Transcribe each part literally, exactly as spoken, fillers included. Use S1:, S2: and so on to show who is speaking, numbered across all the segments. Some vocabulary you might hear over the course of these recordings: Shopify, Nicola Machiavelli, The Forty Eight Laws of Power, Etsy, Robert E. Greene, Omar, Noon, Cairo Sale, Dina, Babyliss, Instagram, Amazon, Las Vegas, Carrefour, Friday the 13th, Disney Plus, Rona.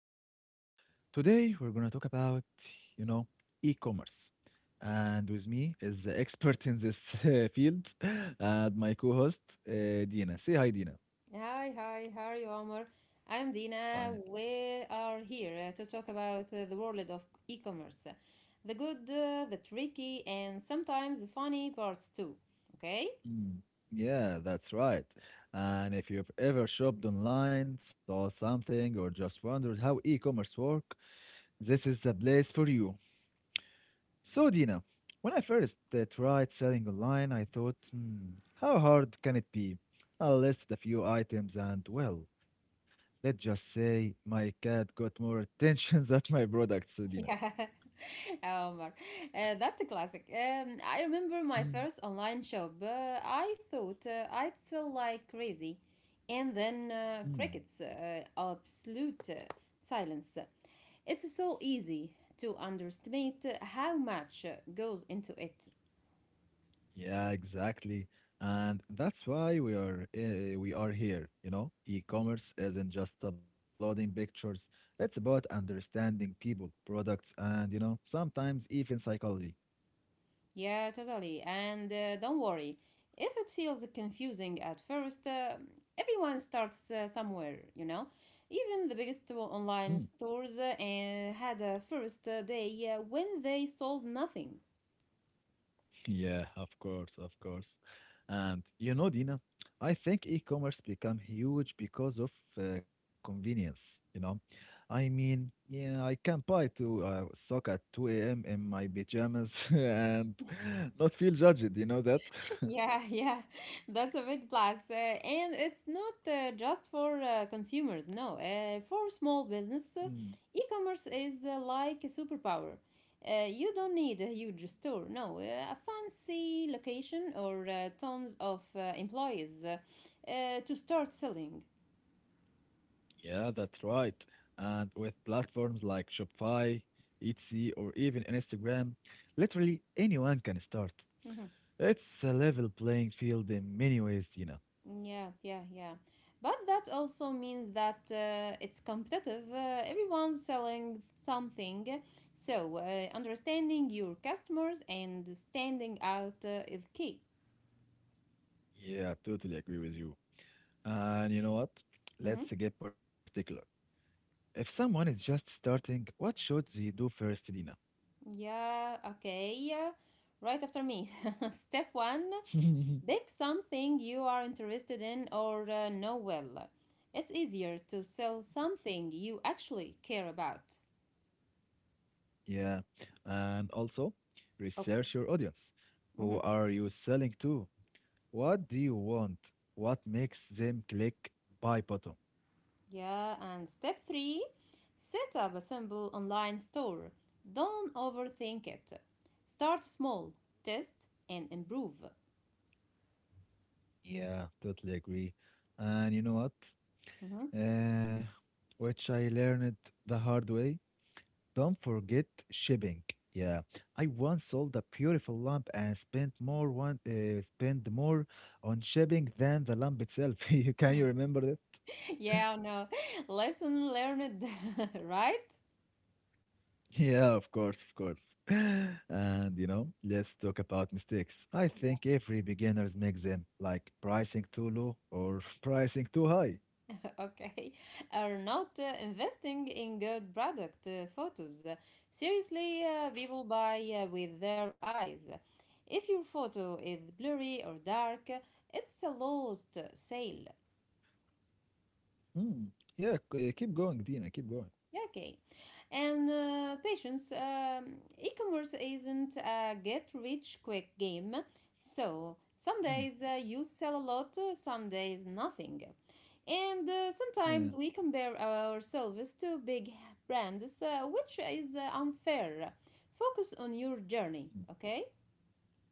S1: Omar. Today, we're going to talk about, you know, e commerce. And with me is the expert in this uh, field, and my co host, uh, Dina. Say hi, Dina.
S2: Hi, hi, how are you, Omar? I'm
S1: Fine.
S2: Dina. We are here uh, to talk about uh, the world of e-commerce, the good, uh, the tricky, and sometimes the funny parts too. Okay?
S1: Mm, yeah, that's right. And if you've ever shopped online, saw something, or just wondered how e commerce work, this is the place for you. So, Dina, when I first uh, tried selling online, I thought, hmm, how hard can it be? I'll list a few items and, well, let's just say my cat got more attention than my products, uh, Dina.
S2: Yeah, Omar. Uh, that's a classic. Um, I remember my first
S1: Hmm.
S2: online shop. Uh, I thought uh, I'd sell like crazy. And then uh,
S1: Hmm.
S2: crickets, uh, absolute uh, silence. It's so easy to underestimate how much uh, goes into it.
S1: Yeah, exactly. And that's why we are uh, we are here, you know? E-commerce isn't just uploading pictures. It's about understanding people, products, and, you know, sometimes even psychology.
S2: Yeah, totally. And uh, don't worry, if it feels confusing at first, uh, everyone starts uh, somewhere, you know? Even the biggest o-
S1: Hmm.
S2: online stores uh, eh, had a first uh, day uh, when they sold nothing.
S1: Yeah, of course, of course. And you know, Dina, I think e-commerce become huge because of uh, convenience, you know. I mean, yeah, I can buy to uh, sock at two a m in my pajamas and not feel judged, you know that?
S2: Yeah, yeah, that's a big plus. Uh, and it's not uh, just for uh, consumers, no. Uh, for small business,
S1: Mm,
S2: uh, e-commerce is uh, like a superpower. Uh, you don't need a huge store, no. Uh, a fancy location or uh, tons of uh, employees uh, uh, to start selling.
S1: yeah, that's right. And with platforms like Shopify, Etsy, or even Instagram, literally anyone can start.
S2: Mm-hmm.
S1: It's a level playing field in many ways, Dina.
S2: Yeah, yeah, yeah. But that also means that uh, it's competitive. Uh, everyone's selling something. So, uh, understanding your customers and standing out uh, is key.
S1: Yeah, totally agree with you. And you know what?
S2: hmm
S1: Let's get particular. If someone is just starting, what should they do first, Dina?
S2: Yeah, okay. Yeah, right after me. Step one, pick something you are interested in or uh, know well. It's easier to sell something you actually care about.
S1: Yeah. And also, research your audience.
S2: Okay.
S1: Who are you selling to? What do you want? What makes them click buy button?
S2: Yeah, and step three, set up a simple online store. Don't overthink it. Start small, test, and improve.
S1: Yeah, totally agree. And you know what?
S2: Mhm.
S1: Uh, which I learned the hard way. Don't forget shipping. Yeah, I once sold a beautiful lamp and spent more one uh, spent more on shipping than the lamp itself. You can you remember that?
S2: Yeah, no, lesson learned, right?
S1: Yeah, of course, of course. And you know, let's talk about mistakes. I
S2: Yeah.
S1: think every beginners makes them, like pricing too low or pricing too high.
S2: Okay. Are not uh, investing in good product uh, photos. Seriously, uh, people buy uh, with their eyes. If your photo is blurry or dark, it's a lost sale.
S1: Mm, yeah, c- uh, keep going, Dina. Keep going.
S2: Yeah, okay. And uh, patience. Um, e commerce isn't a get rich quick game. So, some
S1: Mm,
S2: days uh, you sell a lot, uh, some days nothing. And uh,
S1: yeah,
S2: sometimes we compare ourselves to big brands, uh, which is uh, unfair. Focus on your
S1: mm,
S2: journey, okay?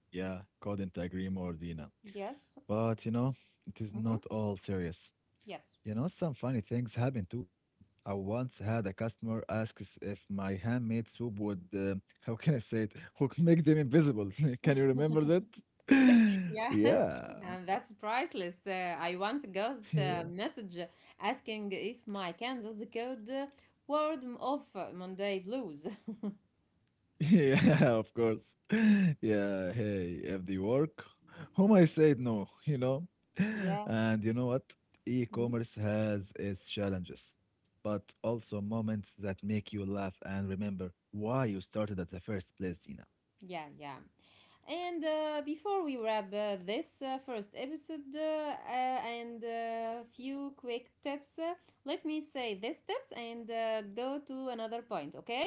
S1: yeah. Couldn't agree more, Dina.
S2: Yes.
S1: But you know, it is
S2: Mm-hmm.
S1: not all serious.
S2: Yes.
S1: You know, some funny things happen too. I once had a customer asks if my handmade soup would, uh, how can I say it, would make them invisible. Can you remember that?
S2: Yeah,
S1: Yeah,
S2: and that's priceless. Uh, I once got a
S1: yeah,
S2: message asking if my candles could uh, ward m- off Monday blues.
S1: yeah, of course. Yeah, hey, if they work, whom I said no, you know?
S2: Yeah,
S1: And you know what?
S2: mm,
S1: E-commerce has its challenges, but also moments that make you laugh and remember why you started at the first place, Dina.
S2: yeah, yeah. And uh, before we wrap uh, this uh, first episode, uh, uh, and a few quick tips, uh, let me say these tips and uh, go to another point, okay?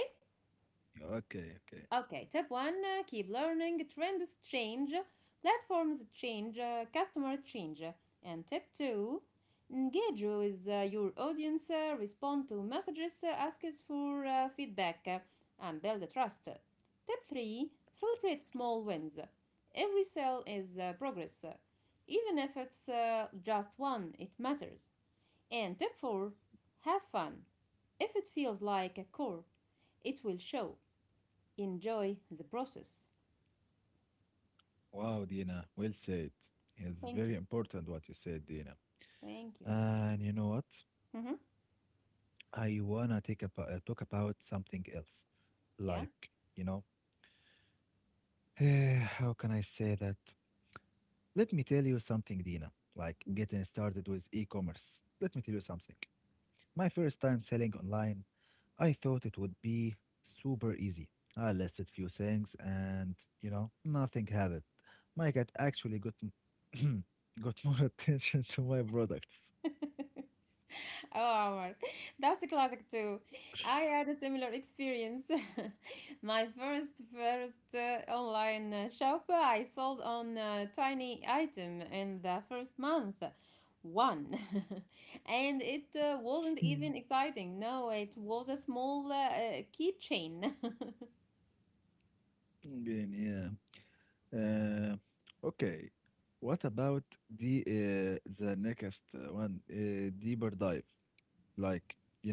S1: Okay, okay.
S2: Okay, tip one, uh, keep learning. Trends change, platforms change, uh, customer change. And tip two, engage with uh, your audience, uh, respond to messages, uh, ask us for uh, feedback, uh, and build trust. Tip three, celebrate small wins. Every sale is uh, progress. Even if it's uh, just one, it matters. And tip four, have fun. If it feels like a chore, it will show. Enjoy the process.
S1: Wow, Dina, well said. It's
S2: Thank
S1: very
S2: you.
S1: important what you said, Dina.
S2: Thank you.
S1: And you know what?
S2: hmm
S1: I wanna take about, uh, talk about something else.
S2: Yeah.
S1: Like, you know, eh, how can I say that? Let me tell you something, Dina. Like getting started with e-commerce. Let me tell you something. My first time selling online, I thought it would be super easy. I listed few things and, you know, nothing happened. My cat actually got m- got more attention to my products.
S2: Oh, Omar, that's a classic too. I had a similar experience. My first first uh, online uh, shop, uh, I sold on a tiny item in the first month, one, and it uh,
S1: Hmm.
S2: wasn't even exciting. No, it was a small uh, uh, keychain.
S1: Again, yeah. Uh, okay. What about the uh, the next uh, one? Uh, deeper dive. Like, you know,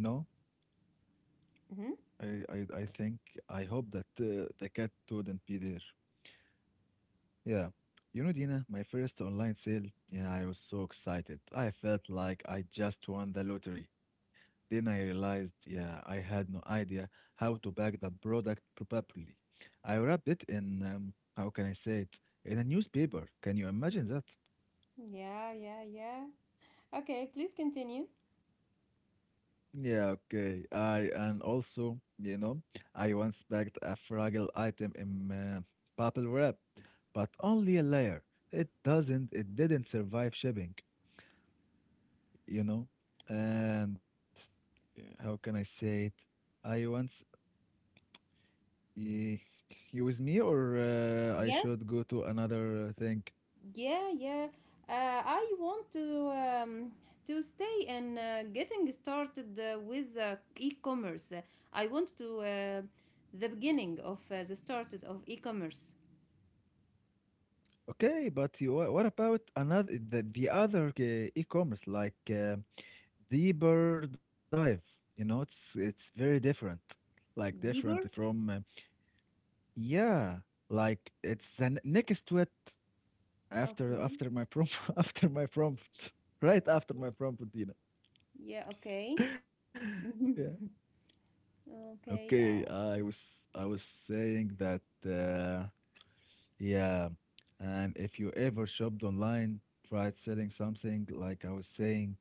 S2: hmm
S1: I, I I think I hope that uh, the cat wouldn't be there. Yeah. You know, Dina, my first online sale, yeah, I was so excited. I felt like I just won the lottery. Then I realized, yeah, I had no idea how to pack the product properly. I wrapped it in, um, how can I say it, in a newspaper. Can you imagine that?
S2: Yeah, yeah, yeah. Okay, please continue.
S1: Yeah, okay. I, and also, you know, I once packed a fragile item in uh, bubble wrap, but only a layer. It doesn't, it didn't survive shipping. You know, and uh, how can I say it? i once y- you with me, or uh, I
S2: Yes.
S1: should go to another uh, thing?
S2: Yeah, yeah. Uh, I want to um, to stay and uh, getting started uh, with uh, e-commerce. Uh, I want to uh, the beginning of uh, the started of e-commerce.
S1: Okay, but you, wha- what about another the, the other uh, e-commerce, like uh, deeper dive? You know, it's it's very different, like different
S2: Deeper?
S1: from uh, yeah, like it's the n- next to it, after
S2: Okay.
S1: after my prompt. After my prompt. Right after my prompt, Dina.
S2: Yeah. Okay.
S1: Yeah. Okay,
S2: Okay. Uh,
S1: I was I was saying that uh, yeah, and if you ever shopped online, tried selling something, like I was saying,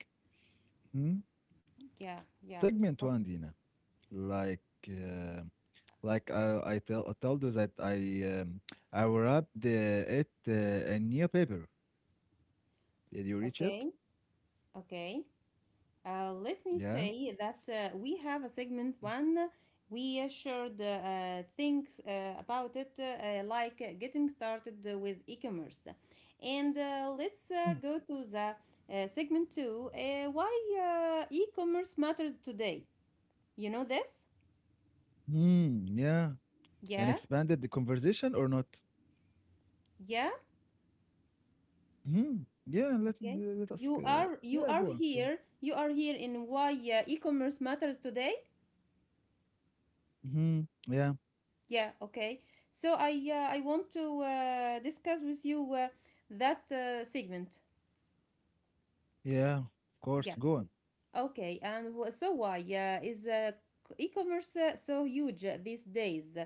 S1: hmm?
S2: yeah. Yeah.
S1: Segment one,
S2: O-
S1: Dina. Like uh, like I I tell I told you that I um, I wrapped uh, it uh, in newspaper. Did you reach it?
S2: Okay. Okay. Uh, let me
S1: Yeah.
S2: say that uh, we have a segment one. We should uh, uh, think uh, about it, uh, like uh, getting started uh, with e-commerce. And uh, let's uh,
S1: Mm.
S2: go to the uh, segment two. Uh, why uh, e-commerce matters today? You know this?
S1: Hmm. Yeah. And
S2: Yeah,
S1: expanded the conversation or not?
S2: yeah.
S1: Hmm. Yeah. Let me
S2: Okay.
S1: let us.
S2: You
S1: Uh,
S2: are you
S1: yeah.
S2: are
S1: Go on. Go on.
S2: here. You are here in why uh, e-commerce matters today.
S1: Hmm. Yeah,
S2: Yeah, okay. So I uh, I want to uh, discuss with you uh, that uh, segment.
S1: yeah, of course.
S2: Yeah.
S1: Go on.
S2: Okay. And wh- so why uh, is uh, c- e-commerce uh, so huge uh, these days?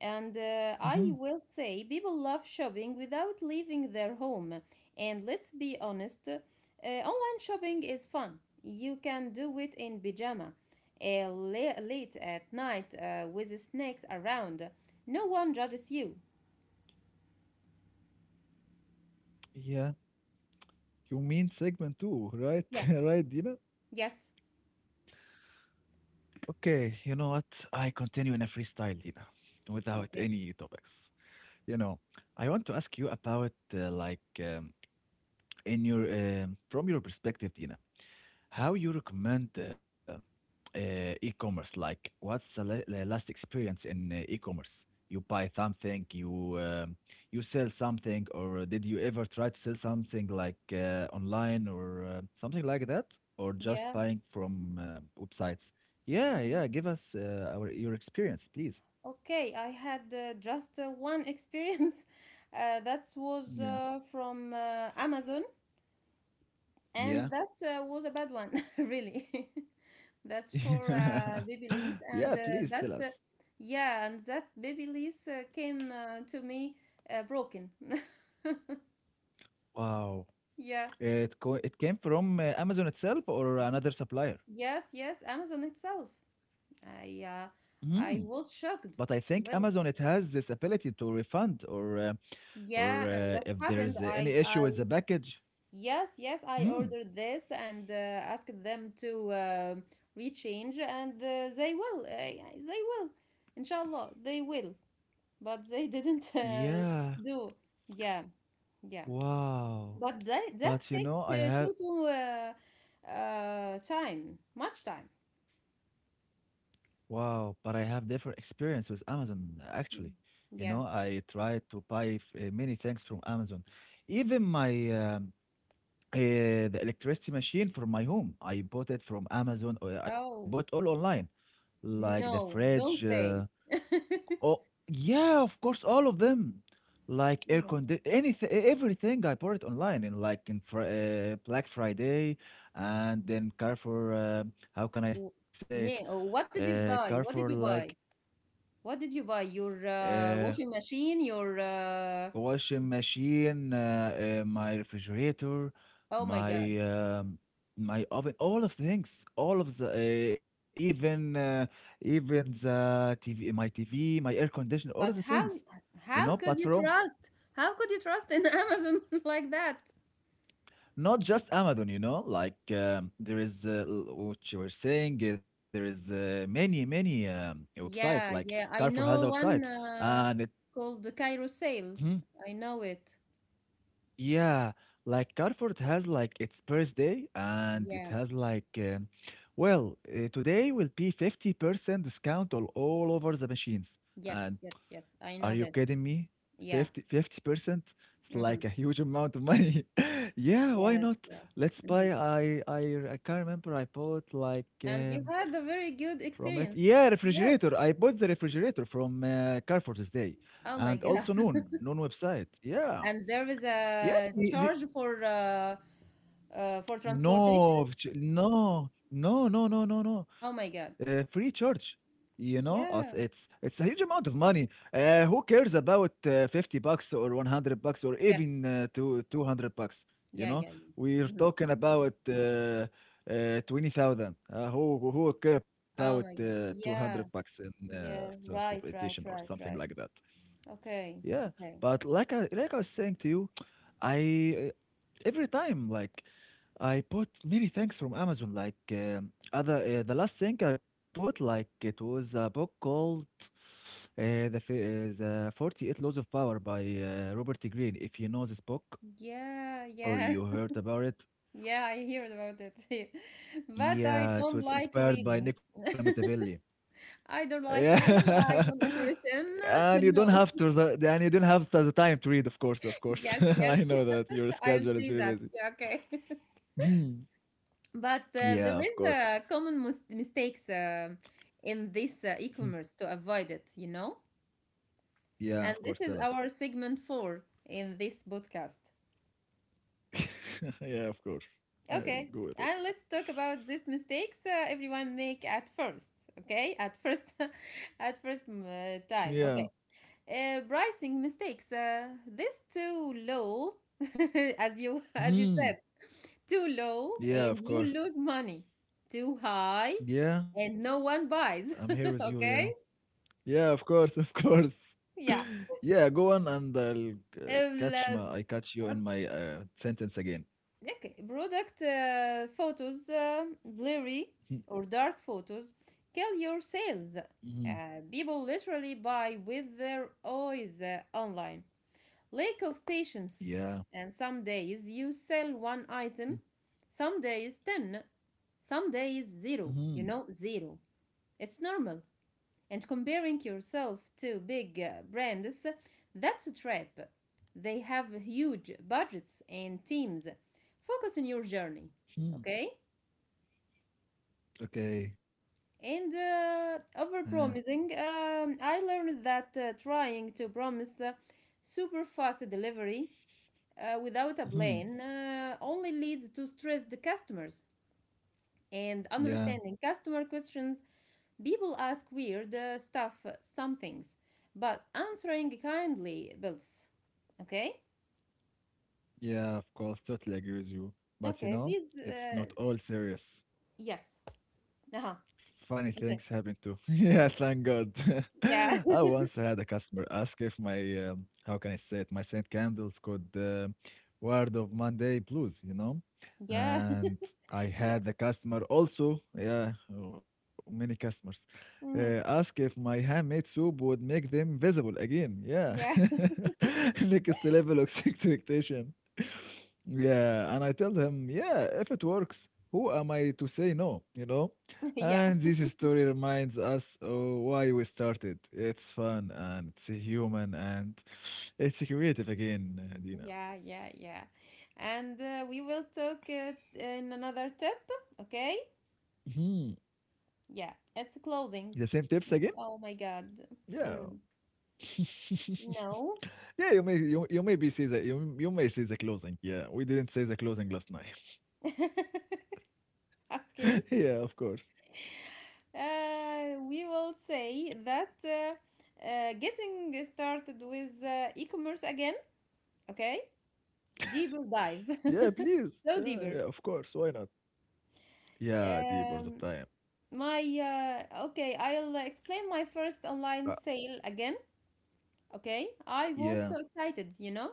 S2: And uh,
S1: Hmm.
S2: I will say people love shopping without leaving their home. And let's be honest, uh, online shopping is fun. You can do it in pajama, uh, la- late at night uh, with snacks around. No one judges you.
S1: Yeah, you mean segment two, right?
S2: Yeah.
S1: Right, Dina?
S2: Yes.
S1: Okay, you know what? I continue in a freestyle, Dina, without
S2: Okay.
S1: any topics. You know, I want to ask you about uh, like um, in your um, from your perspective, Dina. How you recommend uh, uh, e-commerce? Like, what's the, la- the last experience in uh, e-commerce? You buy something, you um you sell something, or did you ever try to sell something like uh, online or uh, something like that, or just
S2: Yeah.
S1: buying from uh, websites? Yeah,
S2: mm,
S1: yeah. Give us uh, our your experience, please.
S2: okay, I had uh, just uh, one experience. Uh, that was
S1: Yeah,
S2: uh, from uh, Amazon, and
S1: yeah,
S2: that uh, was a bad one, really. That's for uh, baby Babyliss,
S1: yeah.
S2: and uh,
S1: Please
S2: that,
S1: tell
S2: uh,
S1: us.
S2: yeah, and that Babyliss uh, came uh, to me uh, broken.
S1: Wow,
S2: Yeah.
S1: it co- it came from uh, Amazon itself, or another supplier?
S2: Yes, yes, Amazon itself. I uh, I was
S1: But
S2: shocked,
S1: I think Amazon
S2: really.
S1: it has this ability to refund, or uh, or
S2: Yeah, and
S1: uh,
S2: that's
S1: if
S2: happened.
S1: there's uh,
S2: I
S1: any issue
S2: I
S1: with the package.
S2: yes, yes, I
S1: Hmm.
S2: ordered this and uh, asked them to uh, rechange, and uh, they will. Uh, yeah, they will. Inshallah, they will. But they didn't uh,
S1: Yeah.
S2: do. Yeah, yeah.
S1: Wow.
S2: But that, that
S1: But you
S2: takes
S1: know, I
S2: uh,
S1: have
S2: two to uh, uh, time, much time.
S1: wow, but I have different experience with Amazon actually.
S2: Mm.
S1: You know,
S2: Yeah.
S1: I tried to buy f- uh, many things from Amazon. Even my um, uh, the electricity machine for my home, I bought it from Amazon. uh, I bought
S2: Oh,
S1: all online, like the
S2: no,
S1: fridge.
S2: don't
S1: Uh,
S2: say.
S1: Oh, yeah, of course, all of them. Like
S2: Oh
S1: air
S2: my God.
S1: condi anything, everything I bought it online in like in Fri uh, Black Friday and then Carrefour, uh, how can I
S2: W-
S1: say it?
S2: Ne- oh, What
S1: Uh,
S2: did you
S1: Carrefour,
S2: buy? What did
S1: like
S2: you buy? What did you buy? Your uh,
S1: uh,
S2: washing machine, your uh,
S1: washing machine, uh, uh, my refrigerator,
S2: oh my God.
S1: my um, my oven, all of things, all of the uh, even uh, even the T V, my T V, my air conditioner, all of the
S2: But
S1: things,
S2: how
S1: you know.
S2: how
S1: But
S2: could you
S1: from
S2: trust? How could you trust in Amazon like that?
S1: not just Amazon, you know, like um, there is uh, l- what you were saying, uh, there is uh, many, many um, websites, like
S2: Yeah, yeah,
S1: Carrefour
S2: I
S1: has a
S2: know
S1: website,
S2: one
S1: and
S2: uh,
S1: it.
S2: called the Cairo Sale.
S1: Mhm.
S2: I know it.
S1: Yeah, like Carrefour it has like its birthday, and it
S2: Yeah.
S1: has like, um, well, uh, today will be fifty percent discount on all over the machines, and
S2: Yes, yes, yes. I
S1: are
S2: know
S1: you
S2: this.
S1: kidding me?
S2: Yeah.
S1: Fifty, fifty percent. It's
S2: Mm-hmm.
S1: like a huge amount of money. Yeah, why not?
S2: Yes, yes.
S1: Let's
S2: Mm-hmm.
S1: buy. I I I can't remember. I bought like
S2: And you
S1: um,
S2: had a very good
S1: from it.
S2: experience.
S1: Yeah,
S2: Yes.
S1: refrigerator. I bought the refrigerator from uh, Carrefour this day,
S2: Oh my
S1: and
S2: God.
S1: also Noon Noon website. Yeah,
S2: And there is
S1: yeah.
S2: a charge for uh, uh, for transportation.
S1: No, ch- no, no, no, no, no, no.
S2: Oh my
S1: Uh,
S2: God.
S1: free church. You know, us- it's
S2: Yeah.
S1: it's a huge amount of money. Uh, who cares about uh, fifty bucks or one hundred bucks or
S2: Yes.
S1: even uh, two, 200 bucks? You
S2: Yeah,
S1: know,
S2: yeah,
S1: we're
S2: yeah. hmm
S1: talking about uh, uh, twenty thousand. Uh, who who who care about
S2: Oh my
S1: uh,
S2: God.
S1: 200
S2: Yeah.
S1: bucks in uh,
S2: Yeah. Right,
S1: transportation or
S2: right,
S1: something
S2: right,
S1: like
S2: right.
S1: that?
S2: Okay.
S1: Yeah,
S2: Okay.
S1: but like I like I was saying to you, I uh, every time like I bought many things from Amazon. Like um, other, uh, the last thing I bought, like it was a book called uh, the fi- uh, the Forty Eight Laws of Power by uh, Robert E. Greene. If you know this book
S2: Yeah,
S1: or
S2: yeah.
S1: you heard about it,
S2: Yeah, I heard about it. But I
S1: yeah, it
S2: don't
S1: was
S2: like
S1: inspired by
S2: reading.
S1: Nicola Machiavelli.
S2: I don't like reading.
S1: Yeah,
S2: I don't interest in.
S1: and you don't have
S2: No.
S1: to the the- and you don't have the the time to read, of course, of course.
S2: Yes, yes.
S1: I know that your
S2: I'll
S1: schedule is
S2: see
S1: very
S2: that.
S1: busy.
S2: Yeah, okay.
S1: Mhm.
S2: But uh,
S1: Yeah,
S2: there
S1: of
S2: is
S1: course.
S2: a common mis- mistakes uh, in this uh,
S1: Mhm.
S2: e-commerce to avoid it, you know?
S1: Yeah, of
S2: And
S1: course. Tell
S2: this
S1: us.
S2: is our segment four in this podcast.
S1: Yeah, of course. I'll
S2: Okay,
S1: go with it.
S2: and let's talk about these mistakes uh, everyone make at first. Okay, at first, at first, mm, uh,
S1: Yeah.
S2: time. Okay, uh, pricing mistakes. Uh, this too low, as you as you
S1: Hmm.
S2: said, too low,
S1: Yeah,
S2: and
S1: of
S2: you
S1: course.
S2: lose money. Too high,
S1: Yeah,
S2: and no one
S1: I'm
S2: buys.
S1: here with you. Yeah.
S2: Okay,
S1: Yeah, of course, of course.
S2: yeah.
S1: Yeah, go on, and I'll uh, catch
S2: Uh,
S1: my. I catch you in my uh, sentence again.
S2: okay, product uh, photos, uh, blurry or dark photos, kill your sales.
S1: Mm-hmm.
S2: Uh, people literally buy with their eyes uh, online. Lack of patience.
S1: Yeah.
S2: And some days you sell one item, some days ten, some days zero. You
S1: Mm-hmm.
S2: know, zero. It's normal, and comparing yourself to big uh, brands, that's a trap. They have huge budgets and teams. Focus on your journey,
S1: Hmm.
S2: okay?
S1: Okay.
S2: And uh, over
S1: Uh,
S2: promising, um, I learned that uh, trying to promise uh, super fast delivery uh, without a plan
S1: hmm
S2: uh, only leads to stressed customers, and understanding
S1: Yeah.
S2: customer questions. People ask weird uh, stuff, uh, some things, but answering kindly builds. Okay?
S1: Yeah, of course. Totally agree with you.
S2: Okay,
S1: But you
S2: please.
S1: know,
S2: Uh,
S1: it's not all serious.
S2: yes. Uh huh.
S1: Funny
S2: Okay.
S1: things happen too. Yeah, thank God.
S2: Yeah.
S1: I once had a customer ask if my, um, how can I say it, my scent candles could uh, word of Monday blues, you know?
S2: Yeah.
S1: And I
S2: Yeah.
S1: had the customer also, yeah, oh, many customers, uh,
S2: hmm
S1: ask if my handmade soup would make them visible again. Yeah.
S2: Yeah.
S1: Next level of expectation. Yeah, and I tell him, yeah, if it works, who am I to say no, you know?
S2: Yeah.
S1: And this story reminds us of why we started. It's fun, and it's human, and it's creative again, uh, Dina.
S2: Yeah. Yeah. Yeah. And uh, we will talk uh, in another tip. Okay?
S1: Hmm.
S2: Yeah. It's
S1: The
S2: closing.
S1: same tips again?
S2: Oh my God.
S1: Yeah.
S2: Mm, no.
S1: Yeah, you may you, you may be see the you, you may see the closing. Yeah, we didn't say the closing last night.
S2: Okay.
S1: Yeah, of course.
S2: Uh, we will say that uh, uh, getting started with uh, e-commerce again, okay? Deeper dive.
S1: Yeah, please.
S2: So
S1: Yeah, yeah,
S2: deeper.
S1: of course. Why not? Yeah, deep all the
S2: Um,
S1: time.
S2: my uh, okay, I'll explain my first
S1: Uh,
S2: online sale again, okay? I
S1: yeah.
S2: was so excited, you know?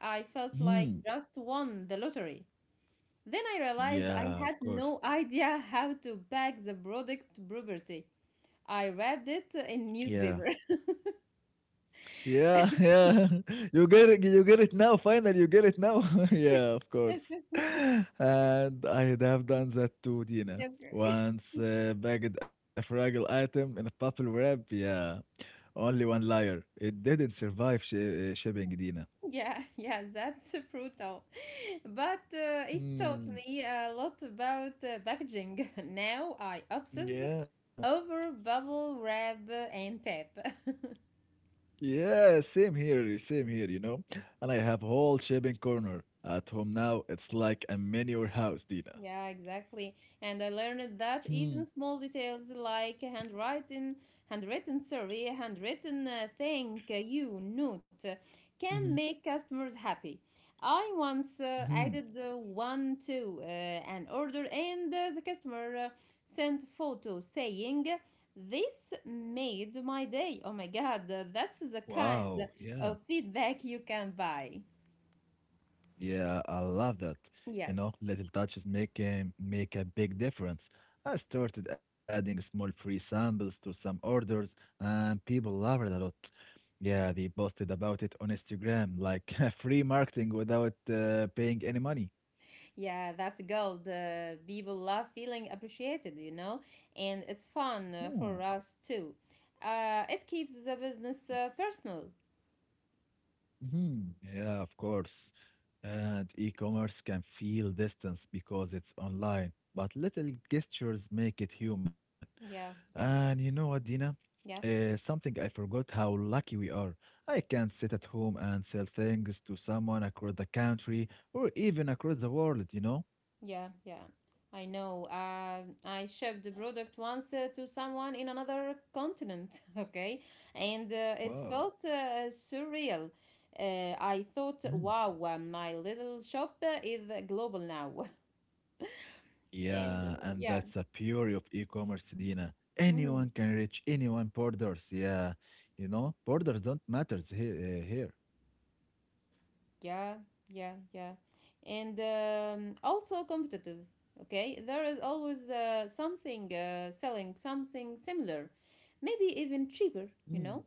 S2: I felt like just won the lottery. Then I realized I
S1: Yeah,
S2: had
S1: of course.
S2: no idea how to pack the product properly. I wrapped it in
S1: Yeah.
S2: newspaper.
S1: Yeah, yeah. You get it you get it now, finally you get it now. Yeah, of course. And I have done that too, Dina.
S2: Okay.
S1: Once uh, bagged a fragile item in a bubble wrap, yeah. Only one liar. It didn't survive sh uh, shipping, Dina.
S2: Yeah, yeah, that's brutal. But uh, it taught
S1: Hmm.
S2: me a lot about uh, packaging. Now I obsess
S1: Yeah.
S2: over bubble wrap and tape.
S1: Yeah, same here, same here, you know. And I have whole shipping corner at home now. It's like a mini warehouse, Dina.
S2: Yeah, exactly. And I learned that
S1: Hmm.
S2: even small details like handwriting, handwritten survey, handwritten uh, thank you note uh, can make customers happy. I once uh,
S1: Mhm.
S2: added uh, one to uh, an order, and uh, the customer uh, sent a photo saying, "This made my day." Oh my God, uh, that's the kind
S1: Wow. Yeah.
S2: of feedback you can buy.
S1: Yeah, I love that. You know,
S2: Yes.
S1: little touches make a, make a big difference. I started adding small free samples to some orders, and people loved it a lot. Yeah, they posted about it on Instagram, like free marketing without uh, paying any money.
S2: Yeah, that's gold. Uh, people love feeling appreciated, you know, and it's fun uh, for us too. Uh, it keeps the business uh, personal.
S1: Mm-hmm. Yeah, of course. And e-commerce can feel distance because it's online, but little gestures make it human.
S2: Yeah,
S1: And
S2: yeah,
S1: you know what, Dina?
S2: yeah,
S1: Uh, something I forgot: how lucky we are. I can sit at home and sell things to someone across the country or even across the world, you know?
S2: yeah, yeah. I know. Um I shipped the product once uh, to someone in another continent, okay, and uh, it
S1: Wow.
S2: felt uh, surreal. Uh, I thought,
S1: Mm.
S2: wow, uh, my little shop uh, is global now. And
S1: Yeah,
S2: uh,
S1: and
S2: yeah.
S1: that's the beauty of e-commerce, Dina.
S2: Mm-hmm.
S1: Anyone can reach anyone borders. Yeah, you know, borders don't matters here. here.
S2: Yeah, yeah, yeah. And um, also competitive. Okay, there is always uh, something uh, selling something similar, maybe even cheaper,
S1: Mm.
S2: you know?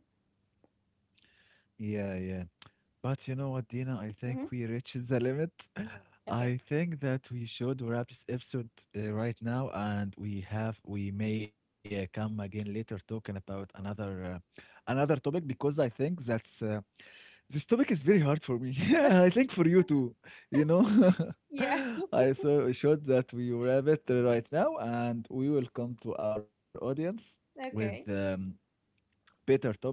S1: Yeah, yeah. But you know what, Dina? I
S2: Mm-hmm.
S1: think we reached the limit.
S2: Okay.
S1: I think that we should wrap this episode uh, right now, and we have we may uh, come again later talking about another uh, another topic, because I think that's uh, this topic is very hard for me. Yeah, I think for you too, you know.
S2: Yeah,
S1: I so should that we wrap it right now, and we will come to our audience with
S2: okay.
S1: um, better topic,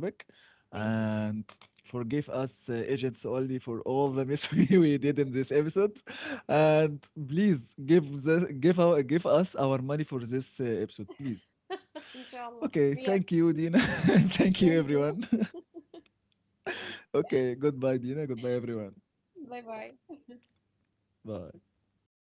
S2: Thank you.
S1: and forgive us, uh, agents only, for all the mess we we did in this episode. And please give the, give our give us our money for this uh, episode, please. Okay,
S2: Inshallah.
S1: thank
S2: Yes,
S1: you, Dina. And thank you,
S2: thank
S1: everyone.
S2: you.
S1: Okay, goodbye, Dina. Goodbye,
S2: Bye
S1: everyone.
S2: bye.
S1: Bye.